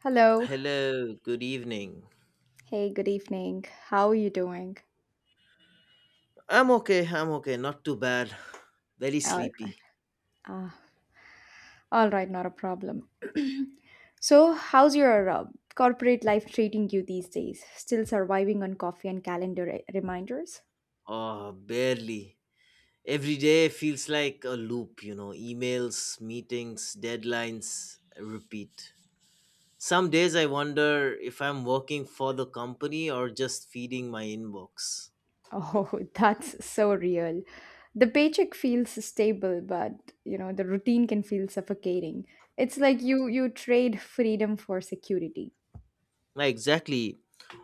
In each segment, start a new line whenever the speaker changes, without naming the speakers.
Hello.
Hello, good evening.
Hey, good evening. How are you doing?
I'm okay, not too bad. Very
All,
sleepy.
uh, all right, not a problem. So, how's your corporate life treating you these days? Still surviving on coffee and calendar reminders?
Oh, barely. Every day feels like a loop, emails, meetings, deadlines, repeat. Some days I wonder if I'm working for the company or just feeding my inbox.
Oh, that's so real. The paycheck feels stable, but you know, the routine can feel suffocating. It's like you trade freedom for security.
Yeah, exactly.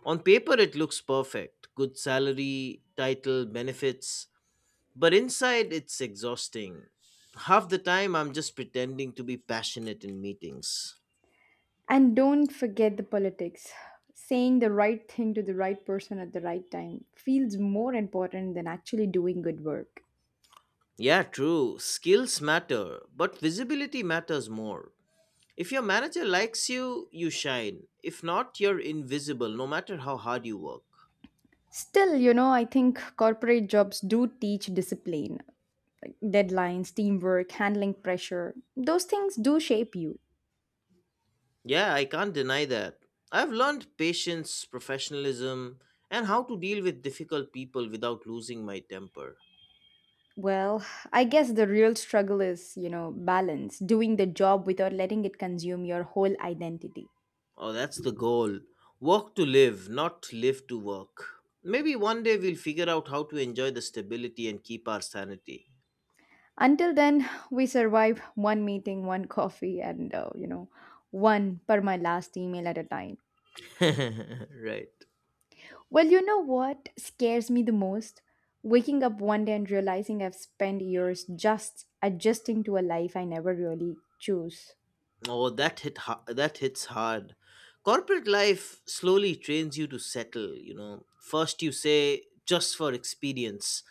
On paper, it looks perfect. Good salary, title, benefits. But inside, it's exhausting. Half the time, I'm just pretending to be passionate in meetings.
And don't forget the politics. Saying the right thing to the right person at the right time feels more important than actually doing good work.
Yeah, true. Skills matter, but visibility matters more. If your manager likes you, you shine. If not, you're invisible, no matter how hard you work.
Still, you know, I think corporate jobs do teach discipline, deadlines, teamwork, handling pressure. Those things do shape you.
Yeah, I can't deny that. I've learned patience, professionalism, and how to deal with difficult people without losing my temper.
Well, I guess the real struggle is, you know, balance, doing the job without letting it consume your whole identity.
Oh, that's the goal. Work to live, not live to work. Maybe one day we'll figure out how to enjoy the stability and keep our sanity.
Until then, we survive one meeting, one coffee, and you know, one per my last email at a time.
Right.
Well, you know what scares me the most? Waking up one day and realizing I've spent years just adjusting to a life I never really chose.
Oh, that hits hard. Corporate life slowly trains you to settle. First you say just for experience.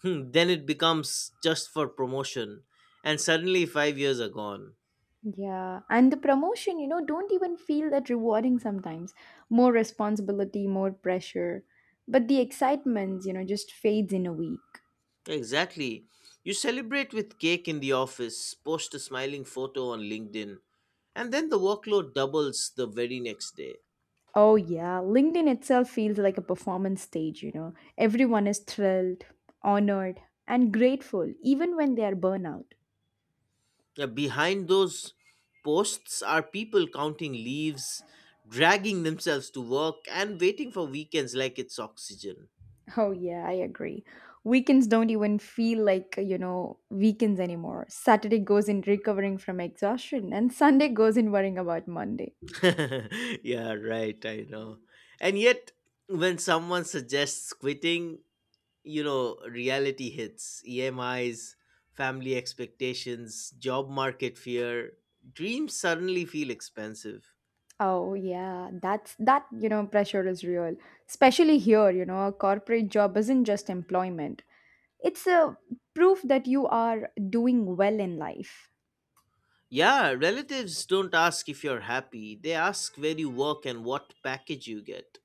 Hmm, then it becomes just for promotion and suddenly 5 years are gone.
Yeah, and the promotion, you know, don't even feel that rewarding sometimes. More responsibility, more pressure. But the excitement, you know, just fades in a week.
Exactly. You celebrate with cake in the office, post a smiling photo on LinkedIn, and then the workload doubles the very next day.
Oh, yeah. LinkedIn itself feels like a performance stage, you know. Everyone is thrilled, honored, and grateful, even when they are burnout.
Now, behind those posts are people counting leaves, dragging themselves to work, and waiting for weekends like it's oxygen.
Oh, yeah, I agree. Weekends don't even feel like, you know, weekends anymore. Saturday goes in recovering from exhaustion, and Sunday goes in worrying about Monday.
Yeah, right, I know. And yet, when someone suggests quitting, reality hits, emis, family expectations, job market fear, dreams suddenly feel expensive.
Oh, yeah, that's that, you know, pressure is real. Especially here, you know, a corporate job isn't just employment, it's a proof that you are doing well in life.
Yeah, relatives don't ask if you're happy, they ask where you work and what package you get.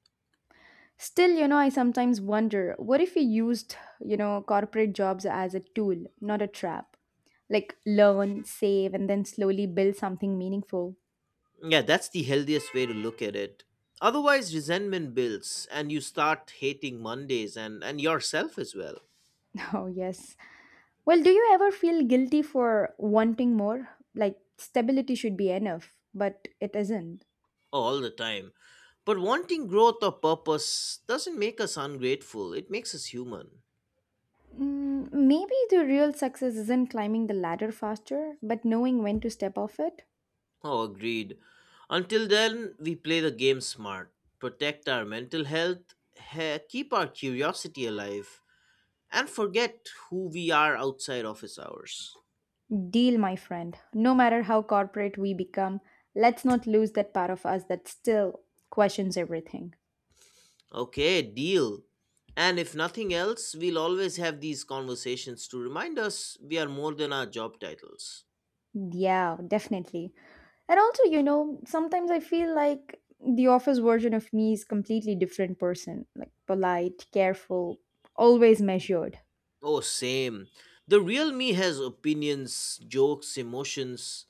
Still, you know, I sometimes wonder what if we used, you know, corporate jobs as a tool, not a trap? Like learn, save, and then slowly build something meaningful.
Yeah, that's the healthiest way to look at it. Otherwise resentment builds and you start hating Mondays and yourself as well.
Oh, yes. Well, do you ever feel guilty for wanting more? Like stability should be enough, but it isn't.
All the time, but wanting growth or purpose doesn't make us ungrateful, it makes us human.
Mm, maybe the real success isn't climbing the ladder faster, but knowing when to step off it.
Oh, agreed. Until then, we play the game smart, protect our mental health, keep our curiosity alive, and forget who we are outside office hours.
Deal, my friend. No matter how corporate we become, let's not lose that part of us that still questions everything.
Okay, deal. And if nothing else, we'll always have these conversations to remind us we are more than our job titles.
Yeah, definitely. And also, you know, sometimes I feel like the office version of me is completely different person, like polite, careful, always measured.
Oh, same. The real me has opinions, jokes, emotions.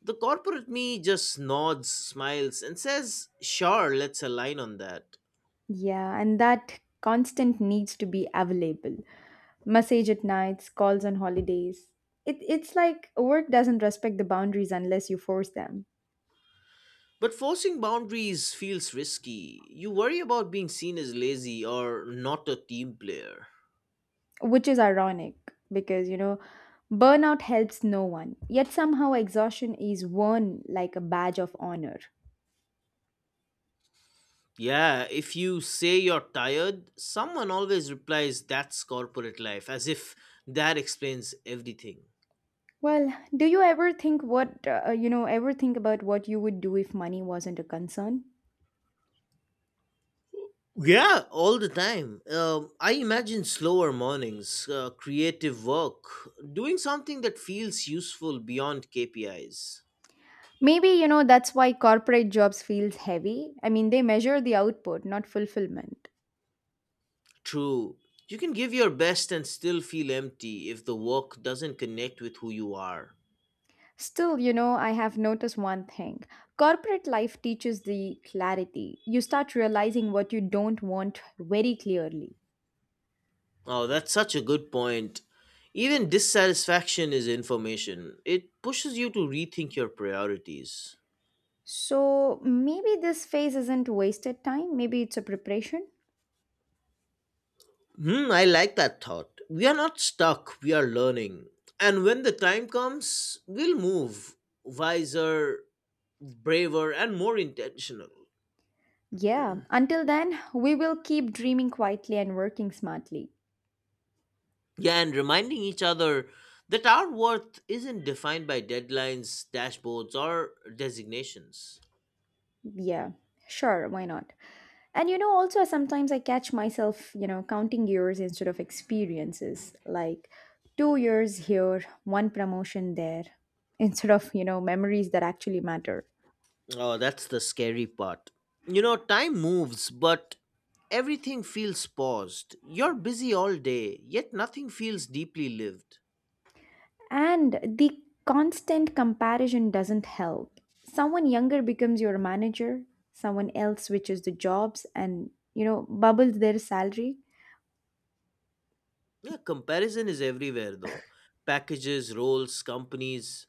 The corporate me just nods, smiles, and says, "Sure, let's align on that."
Yeah, and that constant needs to be available. Message at nights, calls on holidays. It's like work doesn't respect the boundaries unless you force them.
But forcing boundaries feels risky. You worry about being seen as lazy or not a team player.
Which is ironic because you know burnout helps no one, yet somehow exhaustion is worn like a badge of honor.
Yeah, if you say you're tired, someone always replies that's corporate life, as if that explains everything.
Well, do you ever think what you know, ever think about what you would do if money wasn't a concern?
Yeah, all the time. I imagine slower mornings, creative work, doing something that feels useful beyond KPIs.
Maybe you know that's why corporate jobs feels heavy, I mean they measure the output, not fulfillment.
True. You can give your best and still feel empty if the work doesn't connect with who you are.
Still, you know, I have noticed one thing. Corporate life teaches the clarity, you start realizing what you don't want very clearly.
Oh, that's such a good point. Even dissatisfaction is information. It pushes you to rethink your priorities.
So maybe this phase isn't wasted time, maybe it's a preparation.
Hmm, I like that thought. We are not stuck, we are learning. And when the time comes, we'll move wiser, braver, and more intentional.
Yeah, until then, we will keep dreaming quietly and working smartly.
Yeah, and reminding each other that our worth isn't defined by deadlines, dashboards, or designations.
Yeah, sure, why not? And you know, also sometimes I catch myself, you know, counting years instead of experiences, like 2 years here, one promotion there, instead of, you know, memories that actually matter.
Oh, that's the scary part. Time moves, but everything feels paused. You're busy all day, yet nothing feels deeply lived.
And the constant comparison doesn't help. Someone younger becomes your manager, someone else switches the jobs and, you know, bubbles their salary.
Yeah, comparison is everywhere, though. Packages, roles, companies.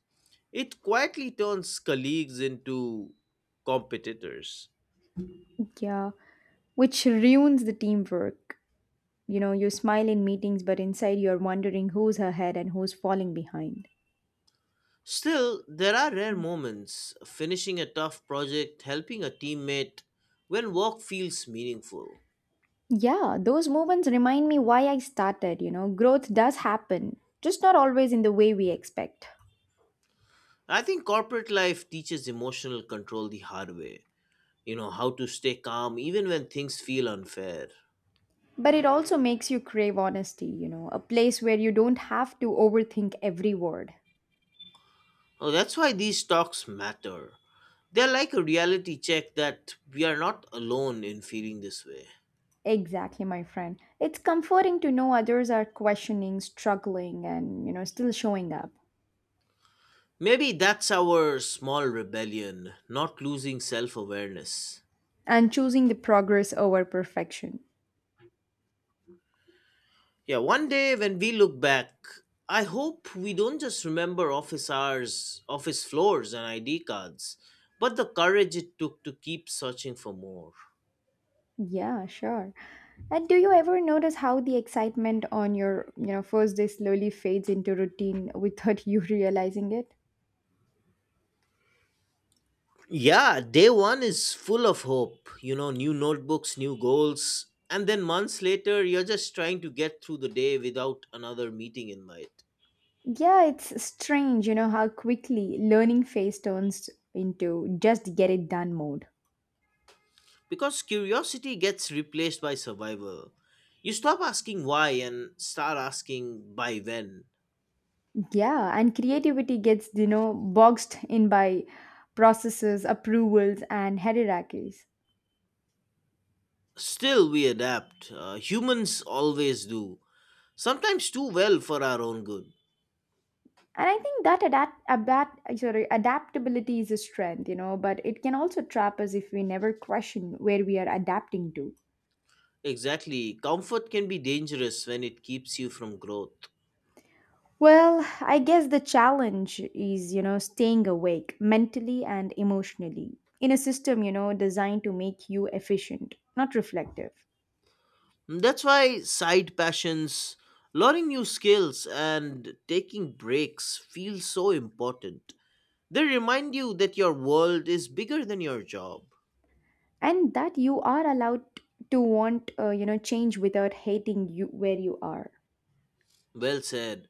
It quietly turns colleagues into competitors.
Yeah, which ruins the teamwork. You know, you smile in meetings, but inside you're wondering who's ahead and who's falling behind.
Still, there are rare moments finishing a tough project, helping a teammate, when work feels meaningful.
Yeah, those moments remind me why I started. You know, growth does happen, just not always in the way we expect.
I think corporate life teaches emotional control the hard way. How to stay calm even when things feel unfair.
But it also makes you crave honesty, you know, a place where you don't have to overthink every word.
Oh, that's why these talks matter. They're like a reality check that we are not alone in feeling this way.
Exactly, my friend. It's comforting to know others are questioning, struggling, and, you know, still showing up
Maybe that's our small rebellion, not losing self-awareness.
and choosing the progress over perfection.
Yeah, one day when we look back, I hope we don't just remember office hours, office floors and ID cards, but the courage it took to keep searching for more.
Yeah, sure. And do you ever notice how the excitement on your, you know, first day slowly fades into routine without you realizing it?
Yeah, day one is full of hope. New notebooks, new goals. And then months later, you're just trying to get through the day without another meeting in mind.
Yeah, it's strange, you know, how quickly learning phase turns into just get it done mode.
Because curiosity gets replaced by survival. You stop asking why and start asking by when.
Yeah, and creativity gets, you know, boxed in by processes, approvals and hierarchies.
Still, we adapt. Humans always do. Sometimes too well for our own good.
And I think that adaptability is a strength, you know, but it can also trap us if we never question where we are adapting to.
Exactly. Comfort can be dangerous when it keeps you from growth.
Well, I guess the challenge is, you know, staying awake mentally and emotionally in a system, you know, designed to make you efficient, not reflective.
That's why side passions, learning new skills, and taking breaks feel so important. They remind you that your world is bigger than your job.
And that you are allowed to want you know, change without hating you where you are.
Well said.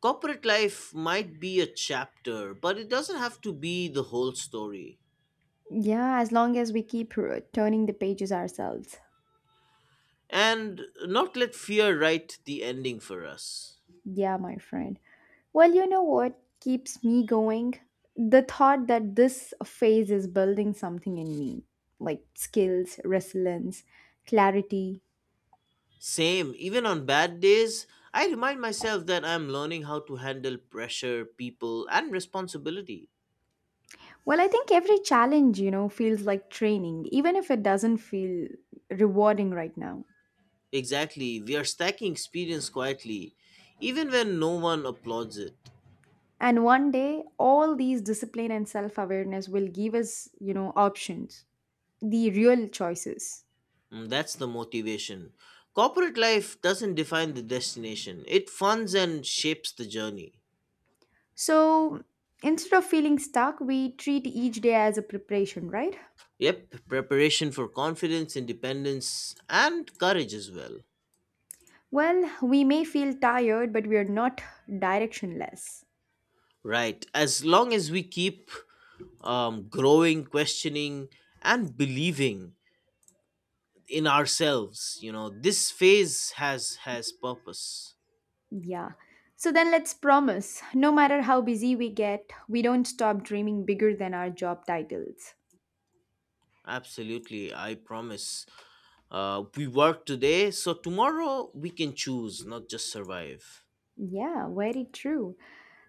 Corporate life might be a chapter, but it doesn't have to be the whole story.
Yeah, as long as we keep turning the pages ourselves.
And not let fear write the ending for us.
Yeah, my friend. Well, you know what keeps me going? The thought that this phase is building something in me, like skills, resilience, clarity.
Same, even on bad days, I remind myself that I'm learning how to handle pressure, people, and responsibilities.
Well, I think every challenge, you know, feels like training, even if it doesn't feel rewarding right now.
Exactly, we are stacking experience quietly, even when no one applauds it.
And one day, all these discipline and self awareness will give us, you know, options, the real choices.
Mm, that's the motivation. Corporate life doesn't define the destination, it funds and shapes the journey.
So instead of feeling stuck, we treat each day as a preparation, right?
Yep, preparation for confidence, independence, and courage as well.
Well, we may feel tired, but we are not directionless.
Right, as long as we keep growing, questioning, and believing in ourselves, this phase has purpose.
Yeah. So then let's promise no matter how busy we get, we don't stop dreaming bigger than our job titles.
Absolutely, I promise. We work today so tomorrow we can choose not just survive.
Yeah, very true.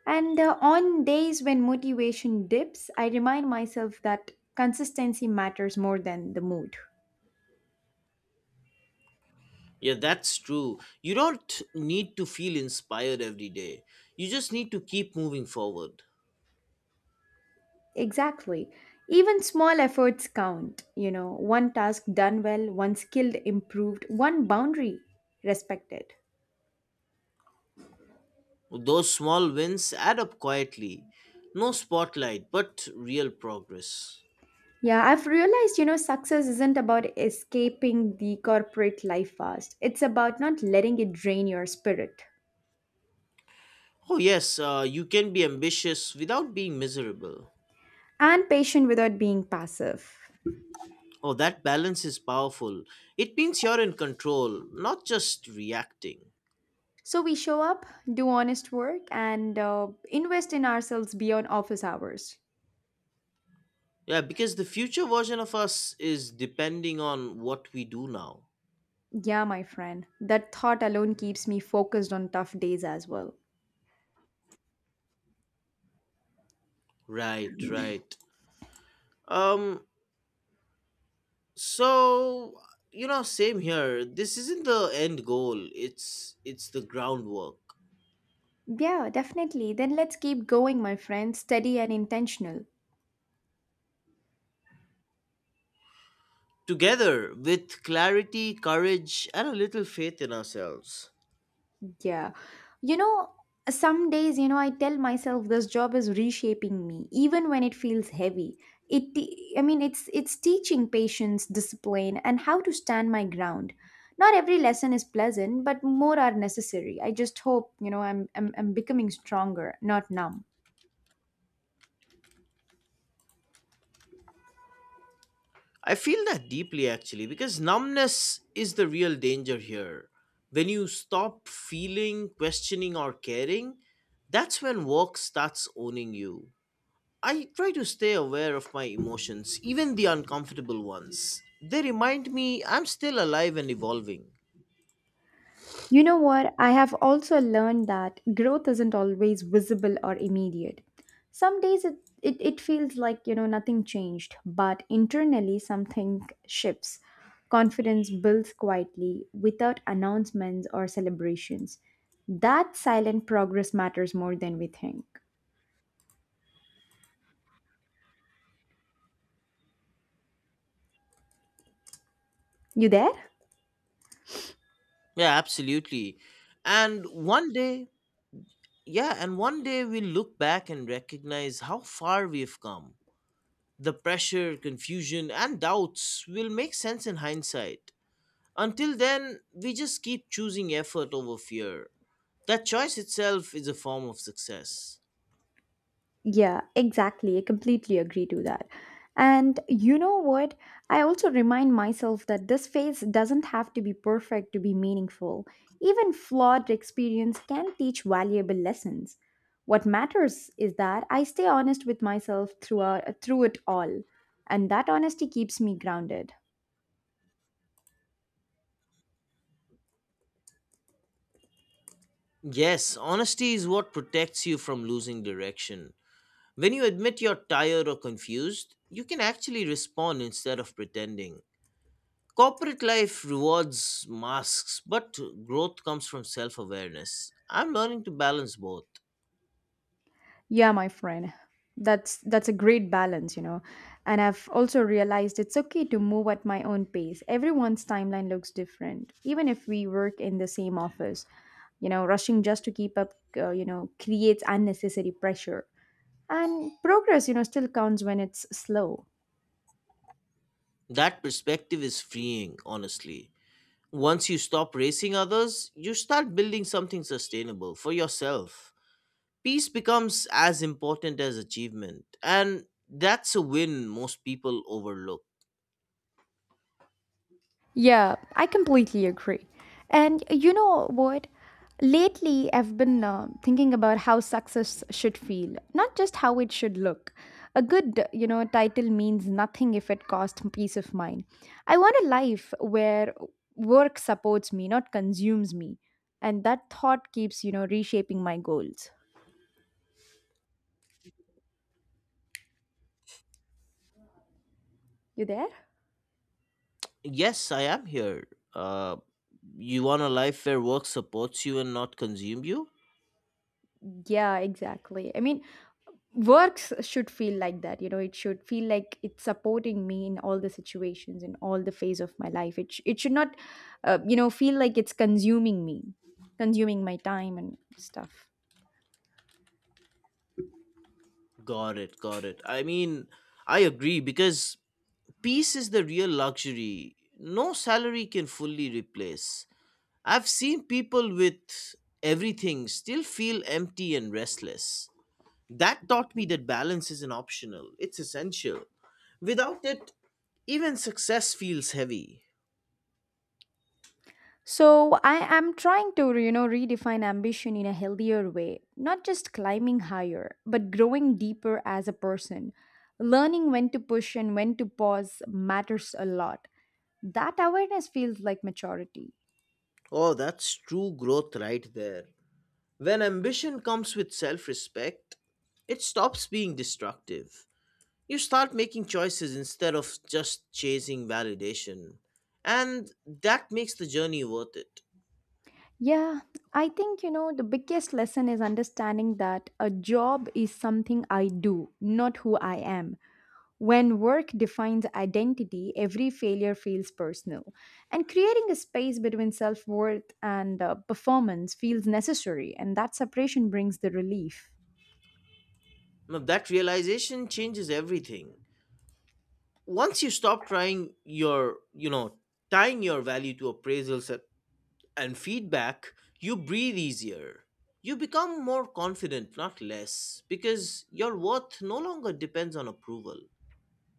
And on days when motivation dips, I remind myself that consistency matters more than the mood.
Yeah, that's true, you don't need to feel inspired every day, you just need to keep moving forward.
Exactly. Even small efforts count. You know, one task done well, one skill improved, one boundary respected.
Those small wins add up quietly, no spotlight but real progress.
Yeah, I've realized, you know, success isn't about escaping the corporate life fast. It's about not letting it drain your spirit
Oh yes, you can be ambitious without being miserable.
and patient without being passive.
Oh, that balance is powerful. It means you're in control, not just reacting.
So we show up, do honest work, and invest in ourselves beyond office hours.
Yeah, because the future version of us is depending on what we do now.
Yeah, my friend, that thought alone keeps me focused on tough days as well.
Right, right. Um so, same here. This isn't the end goal. It's the groundwork.
Yeah, definitely. Then let's keep going, my friend, steady and intentional.
Together with clarity, courage and a little faith in ourselves.
Yeah. You know, some days, you know, I tell myself this job is reshaping me, even when it feels heavy. I mean, it's teaching patience, discipline, and how to stand my ground. Not every lesson is pleasant, but more are necessary. I just hope, you know, I'm becoming stronger, not numb.
I feel that deeply actually because numbness is the real danger here. When you stop feeling, questioning or caring, that's when work starts owning you. I try to stay aware of my emotions, even the uncomfortable ones. They remind me I'm still alive and evolving.
You know what? I have also learned that growth isn't always visible or immediate. Some days it feels like, you know, nothing changed, but internally something shifts. Confidence builds quietly without announcements or celebrations. That silent progress matters more than we think. You there?
Yeah, absolutely. And one day, yeah, and one day we'll look back and recognize how far we've come. The pressure, confusion, and doubts will make sense in hindsight. Until then, we just keep choosing effort over fear. That choice itself is a form of success.
Yeah, exactly. I completely agree to that. And you know what? I also remind myself that this phase doesn't have to be perfect to be meaningful. Even flawed experience can teach valuable lessons. What matters is that I stay honest with myself through it all, and that honesty keeps me grounded.
Yes, honesty is what protects you from losing direction. When you admit you're tired or confused, you can actually respond instead of pretending. Corporate life rewards masks, but growth comes from self awareness. I'm learning to balance both.
Yeah, my friend. That's a great balance, you know. And I've also realized it's okay to move at my own pace. Everyone's timeline looks different, even if we work in the same office. You know, rushing just to keep up, you know, creates unnecessary pressure. And progress, you know, still counts when it's slow.
That perspective is freeing, honestly. Once you stop racing others, you start building something sustainable for yourself. Peace becomes as important as achievement, and that's a win most people overlook.
Yeah, I completely agree. And you know what? Lately, I've been thinking about how success should feel, not just how it should look. A good, you know, title means nothing if it costs peace of mind. I want a life where work supports me, not consumes me. And that thought keeps, you know, reshaping my goals. You there?
Yes, I am here. Uh, You want a life where work supports you and not consume you?
Yeah, exactly. I mean, works should feel like that, you know, it should feel like it's supporting me in all the situations in all the phase of my life, it should not you know feel like it's consuming me, consuming my time and stuff.
Got it, got it. I mean, I agree because peace is the real luxury. No salary can fully replace. I've seen people with everything still feel empty and restless. That taught me that balance isn't optional, it's essential. Without it, even success feels heavy.
So I am trying to, you know, redefine ambition in a healthier way, not just climbing higher but growing deeper as a person. Learning when to push and when to pause matters a lot. That awareness feels like maturity.
Oh, that's true growth right there. When ambition comes with self respect, it stops being destructive. You start making choices instead of just chasing validation. And that makes the journey worth it.
Yeah, I think you know the biggest lesson is understanding that a job is something I do, not who I am. When work defines identity, every failure feels personal. And creating a space between self worth and performance feels necessary, and that separation brings the relief.
Now, that realization changes everything. Once you stop trying your, you know, tying your value to appraisals and feedback, you breathe easier. You become more confident, not less, because your worth no longer depends on approval.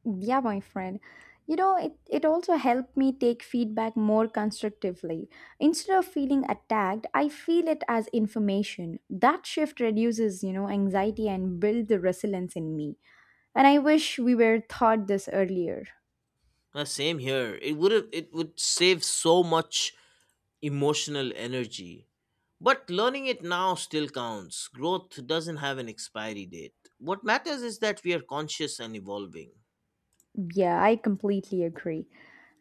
Yeah, my friend. You know, it also helped me take feedback more constructively. Instead of feeling attacked, I feel it as information. That shift reduces, you know, anxiety and builds the resilience in me. And I wish we were taught this earlier.
Same here. It would save so much emotional energy. But learning it now still counts. Growth doesn't have an expiry date. What matters is that we are conscious and evolving.
Yeah, I completely agree.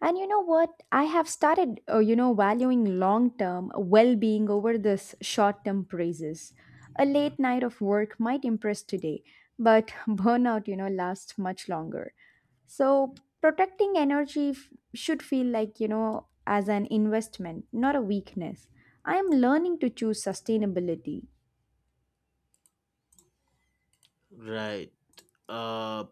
And you know what? I have started, you know, valuing long term well being over this short term praises. A late night of work might impress today, but burnout, you know, lasts much longer. So, protecting energy should feel like, you know, as an investment, not a weakness. I am learning to choose sustainability.
Right. Uh,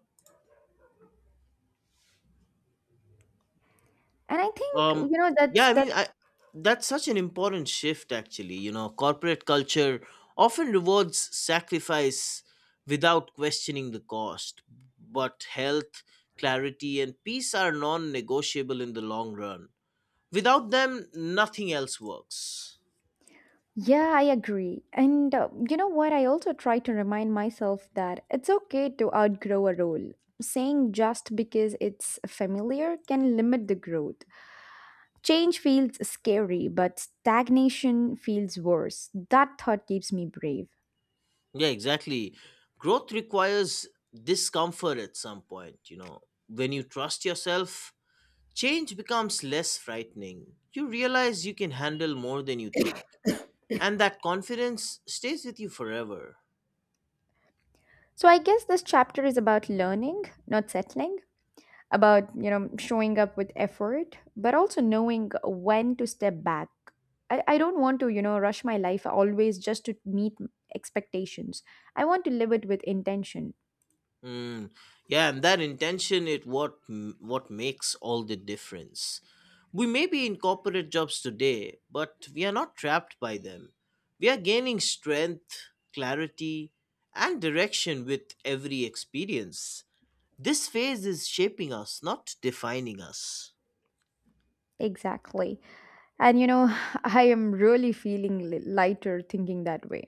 And I think,
um
that's
yeah, I
that's
mean, I that's such an important shift actually. Corporate culture often rewards sacrifice without questioning the cost. But health, clarity and peace are non-negotiable in the long run. Without them, nothing else works.
Yeah, I agree. And you know what? I also try to remind myself that it's okay to outgrow a role. Saying just because it's familiar can limit the growth. Change feels scary, but stagnation feels worse. That thought keeps me brave.
Yeah, exactly. Growth requires discomfort at some point, you know. When you trust yourself, change becomes less frightening. You realize you can handle more than you think. And that confidence stays with you forever.
So I guess this chapter is about learning, not settling. About showing up with effort but also knowing when to step back. I don't want to rush my life always just to meet expectations. I want to live it with intention.
Mm. Yeah, and that intention it what makes all the difference. We may be in corporate jobs today, but we are not trapped by them. We are gaining strength, clarity, and direction with every experience. This phase is shaping us, not defining us.
Exactly. And you know, I am really feeling lighter thinking that way.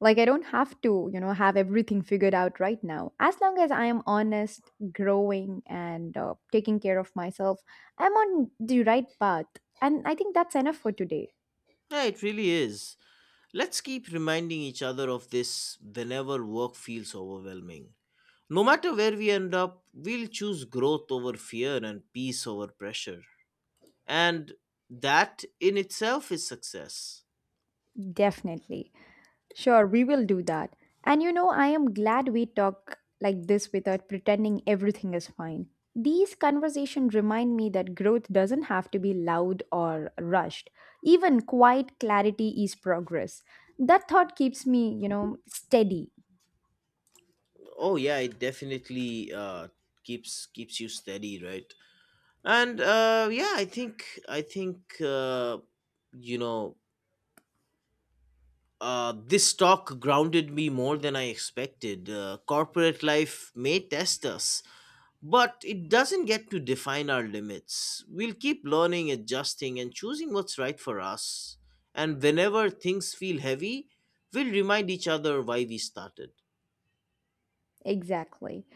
Like I don't have to have everything figured out right now, as long as I am honest, growing and taking care of myself, I'm on the right path. And I think that's enough for today.
Yeah, it really is. Let's keep reminding each other of this whenever work feels overwhelming. No matter where we end up, we'll choose growth over fear and peace over pressure. And that in itself is success.
Definitely. Sure, we will do that. And you know, I am glad we talk like this without pretending everything is fine. These conversations remind me that growth doesn't have to be loud or rushed. Even quiet clarity is progress. That thought keeps me, steady.
Oh yeah, it definitely keeps you steady, right? And yeah, I think you know this talk grounded me more than I expected. Corporate life may test us. But it doesn't get to define our limits. We'll keep learning, adjusting, and choosing what's right for us. And whenever things feel heavy, we'll remind each other why we started.
Exactly.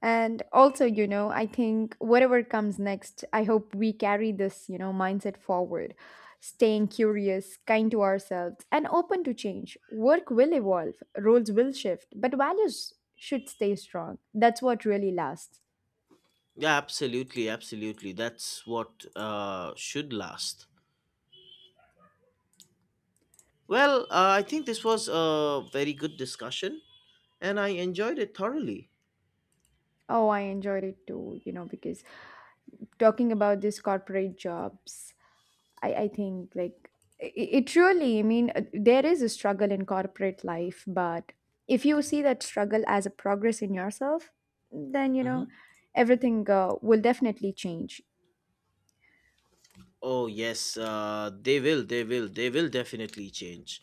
And also, you know, I think whatever comes next, I hope we carry this, mindset forward, staying curious, kind to ourselves, and open to change. Work will evolve, roles will shift, but values should stay strong. That's what really lasts.
Yeah, absolutely, absolutely. That's what should last. Well, I think this was a very good discussion, and I enjoyed it thoroughly.
Oh, I enjoyed it too, you know, because talking about these corporate jobs, I think like i- it really, I mean, there is a struggle in corporate life, but if you see that struggle as a progress in yourself, then you know
Hmm.
everything will definitely change.
Oh yes, they will, they will, they will definitely change.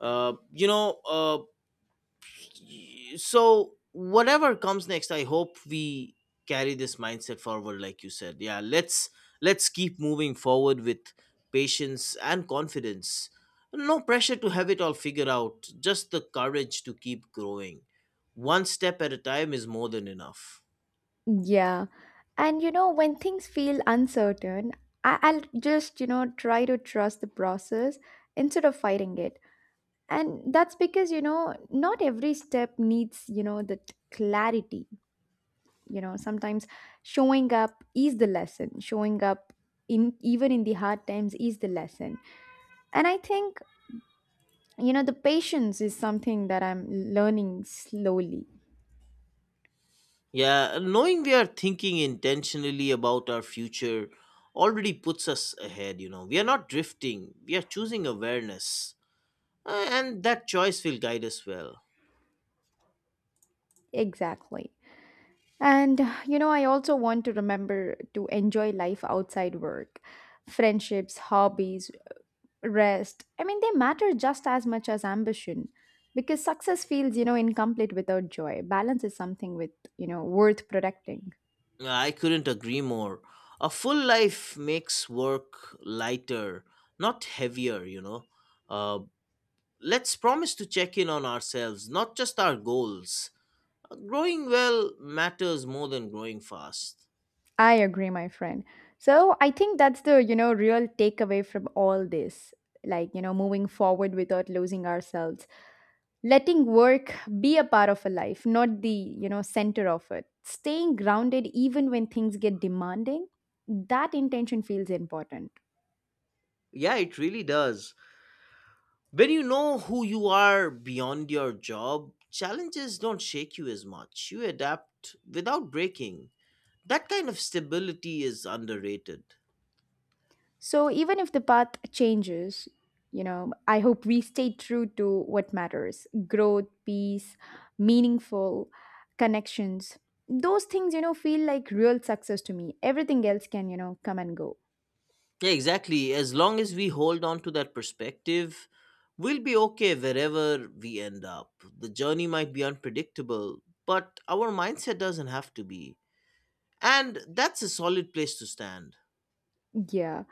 Uh, you know, uh, so whatever comes next, I hope we carry this mindset forward. Like you said, yeah, let's keep moving forward with patience and confidence. No pressure to have it all figured out, just the courage to keep growing one step at a time is more than enough.
Yeah. And you know, when things feel uncertain, I'll just, try to trust the process instead of fighting it. And that's because, not every step needs, that clarity. You know, sometimes showing up is the lesson. Showing up in even in the hard times is the lesson. And I think, you know, the patience is something that I'm learning slowly.
Yeah, knowing we are thinking intentionally about our future already puts us ahead, you know. We are not drifting, we are choosing awareness. And that choice will guide us well.
Exactly. And you know, I also want to remember to enjoy life outside work. Friendships, hobbies, rest, I mean they matter just as much as ambition, because success feels, incomplete without joy. Balance is something with, worth protecting.
I couldn't agree more. A full life makes work lighter, not heavier, Uh, let's promise to check in on ourselves, not just our goals. Growing well matters more than growing fast.
I agree, my friend. So I think that's the, real takeaway from all this. Like, you know, moving forward without losing ourselves. Letting work be a part of a life, not the, center of it. Staying grounded even when things get demanding. That intention feels important.
Yeah, it really does. When you know who you are beyond your job, challenges don't shake you as much. You adapt without breaking. That kind of stability is underrated.
So even if the path changes, you know, I hope we stay true to what matters: growth, peace, meaningful connections. Those things, feel like real success to me. Everything else can, come and go.
Yeah, exactly. As long as we hold on to that perspective, we'll be okay wherever we end up. The journey might be unpredictable, but our mindset doesn't have to be. And that's a solid place to stand.
Yeah.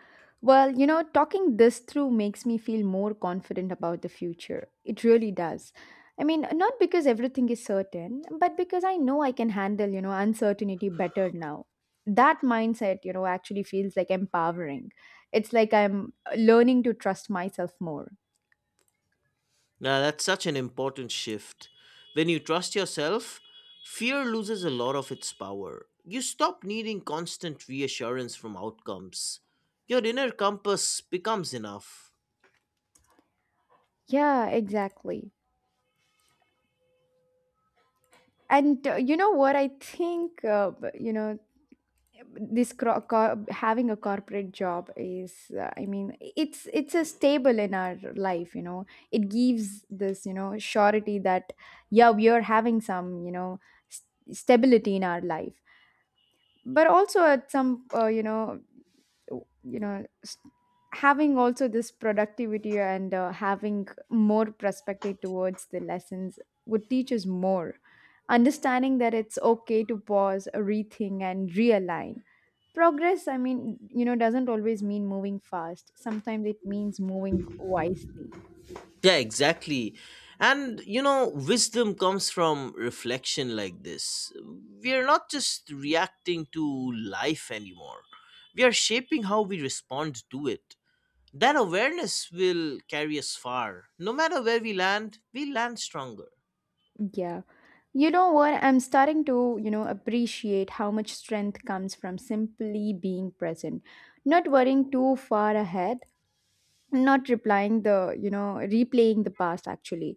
Well, you know, talking this through makes me feel more confident about the future. It really does. I mean, not because everything is certain, but because I know I can handle, uncertainty better now. That mindset, actually feels like empowering. It's like I'm learning to trust myself more.
Now, that's such an important shift. When you trust yourself, fear loses a lot of its power. You stop needing constant reassurance from outcomes. Your inner compass becomes enough.
Yeah, exactly. And you know what? I think, you know, this having a corporate job is I mean it's a stable in our life, you know. It gives this, you know, surety that yeah, we are having some, you know, stability in our life. But also at some you know, you know s- having also this productivity and having more perspective towards the lessons would teach us more. Understanding that it's okay to pause, rethink and realign. Progress, I mean, you know, doesn't always mean moving fast. Sometimes it means moving wisely.
Yeah, exactly. And you know, wisdom comes from reflection like this. We are not just reacting to life anymore, we are shaping how we respond to it. That awareness will carry us far. No matter where we land stronger.
Yeah. You know what? I'm starting to, appreciate how much strength comes from simply being present, not worrying too far ahead, not replying the, replaying the past actually,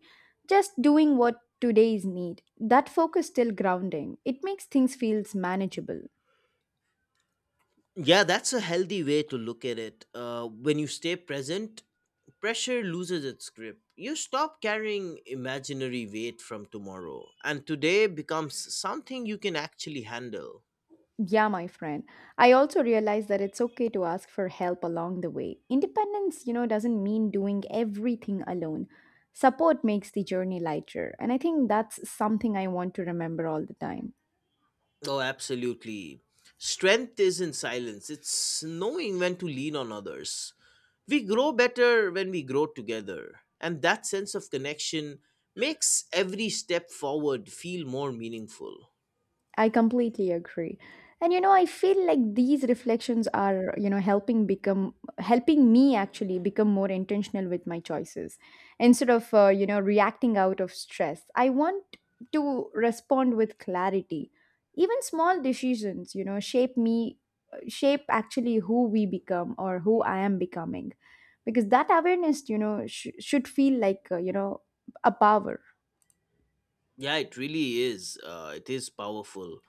just doing what today's need. That focus still grounding. It makes things feels manageable.
Yeah, that's a healthy way to look at it. When you stay present, pressure loses its grip. You stop carrying imaginary weight from tomorrow, and today becomes something you can actually handle.
Yeah, my friend. I also realize that it's okay to ask for help along the way. Independence, doesn't mean doing everything alone. Support makes the journey lighter. And I think that's something I want to remember all the time.
Oh, absolutely. Strength is in silence, it's knowing when to lean on others. We grow better when we grow together, and that sense of connection makes every step forward feel more meaningful.
I completely agree. And you know, I feel like these reflections are, helping become helping me actually become more intentional with my choices. Instead of, reacting out of stress, I want to respond with clarity. Even small decisions, shape me shape actually who we become or who I am becoming. Because that awareness, should feel like, a power.
Yeah, it really is. It is powerful.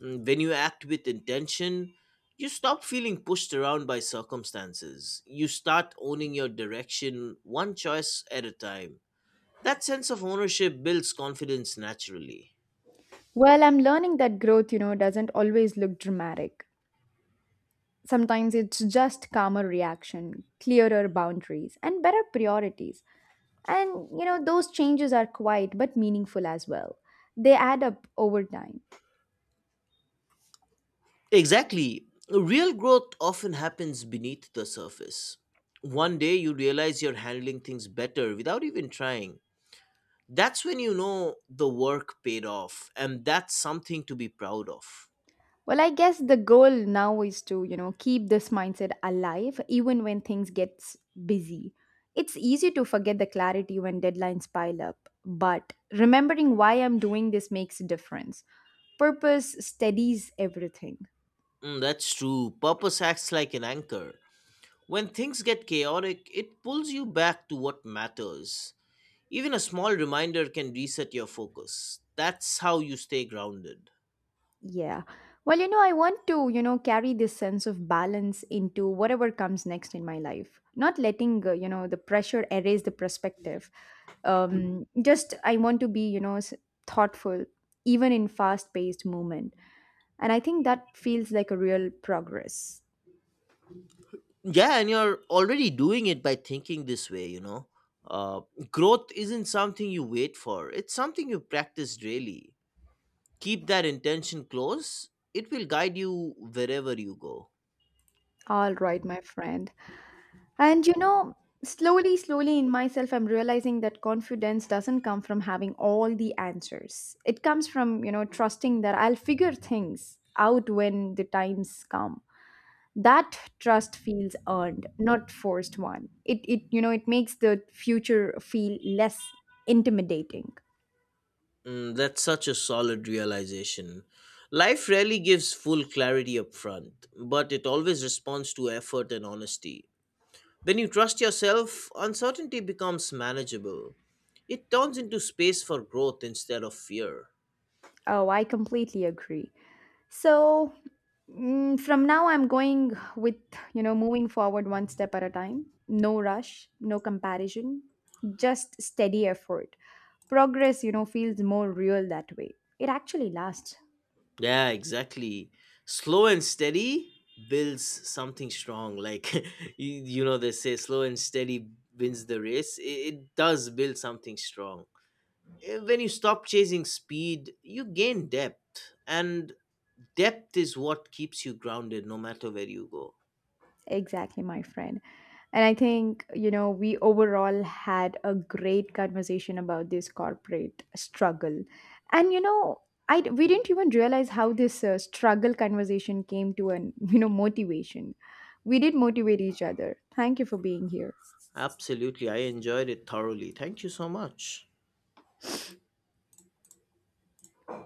Mm, when you act with intention, you stop feeling pushed around by circumstances. You start owning your direction one choice at a time. That sense of ownership builds confidence naturally.
Well, I'm learning that growth, doesn't always look dramatic. Sometimes it's just calmer reaction, clearer boundaries, and better priorities. And you know, those changes are quiet but meaningful as well. They add up over time.
Exactly. Real growth often happens beneath the surface. One day you realize you're handling things better without even trying. That's when you know the work paid off, and that's something to be proud of.
Well, I guess the goal now is to, keep this mindset alive even when things gets busy. It's easy to forget the clarity when deadlines pile up, but remembering why I'm doing this makes a difference. Purpose steadies everything.
Mm, that's true. Purpose acts like an anchor. When things get chaotic, it pulls you back to what matters. Even a small reminder can reset your focus. That's how you stay grounded.
Yeah. Well, you know, I want to, carry this sense of balance into whatever comes next in my life. Not letting, the pressure erase the perspective. Just I want to be, thoughtful even in fast-paced movement. And I think that feels like a real progress.
Yeah, and you're already doing it by thinking this way, Uh, Growth isn't something you wait for, it's something you practice daily. Keep that intention close, it will guide you wherever you go.
All right, my friend. And you know, slowly, slowly in myself, I'm realizing that confidence doesn't come from having all the answers. It comes from, trusting that I'll figure things out when the times come. That trust feels earned, not forced one. It, you know, it makes the future feel less intimidating.
Mm, that's such a solid realization. Life rarely gives full clarity up front, but it always responds to effort and honesty. When you trust yourself, uncertainty becomes manageable. It turns into space for growth instead of fear.
Oh, I completely agree. So mm, from now, I'm going with, you know, moving forward one step at a time. No rush, no comparison, just steady effort. Progress, feels more real that way. It actually lasts.
Yeah, exactly. Slow and steady builds something strong. Like, you know, they say slow and steady wins the race. It does build something strong. When you stop chasing speed, you gain depth, and depth is what keeps you grounded no matter where you go.
Exactly, my friend. And I think, you know, we overall had a great conversation about this corporate struggle. And, you know, I, we didn't even realize how this struggle conversation came to an, you know, motivation. We did motivate each other. Thank you for being here.
Absolutely, I enjoyed it thoroughly. Thank you so much.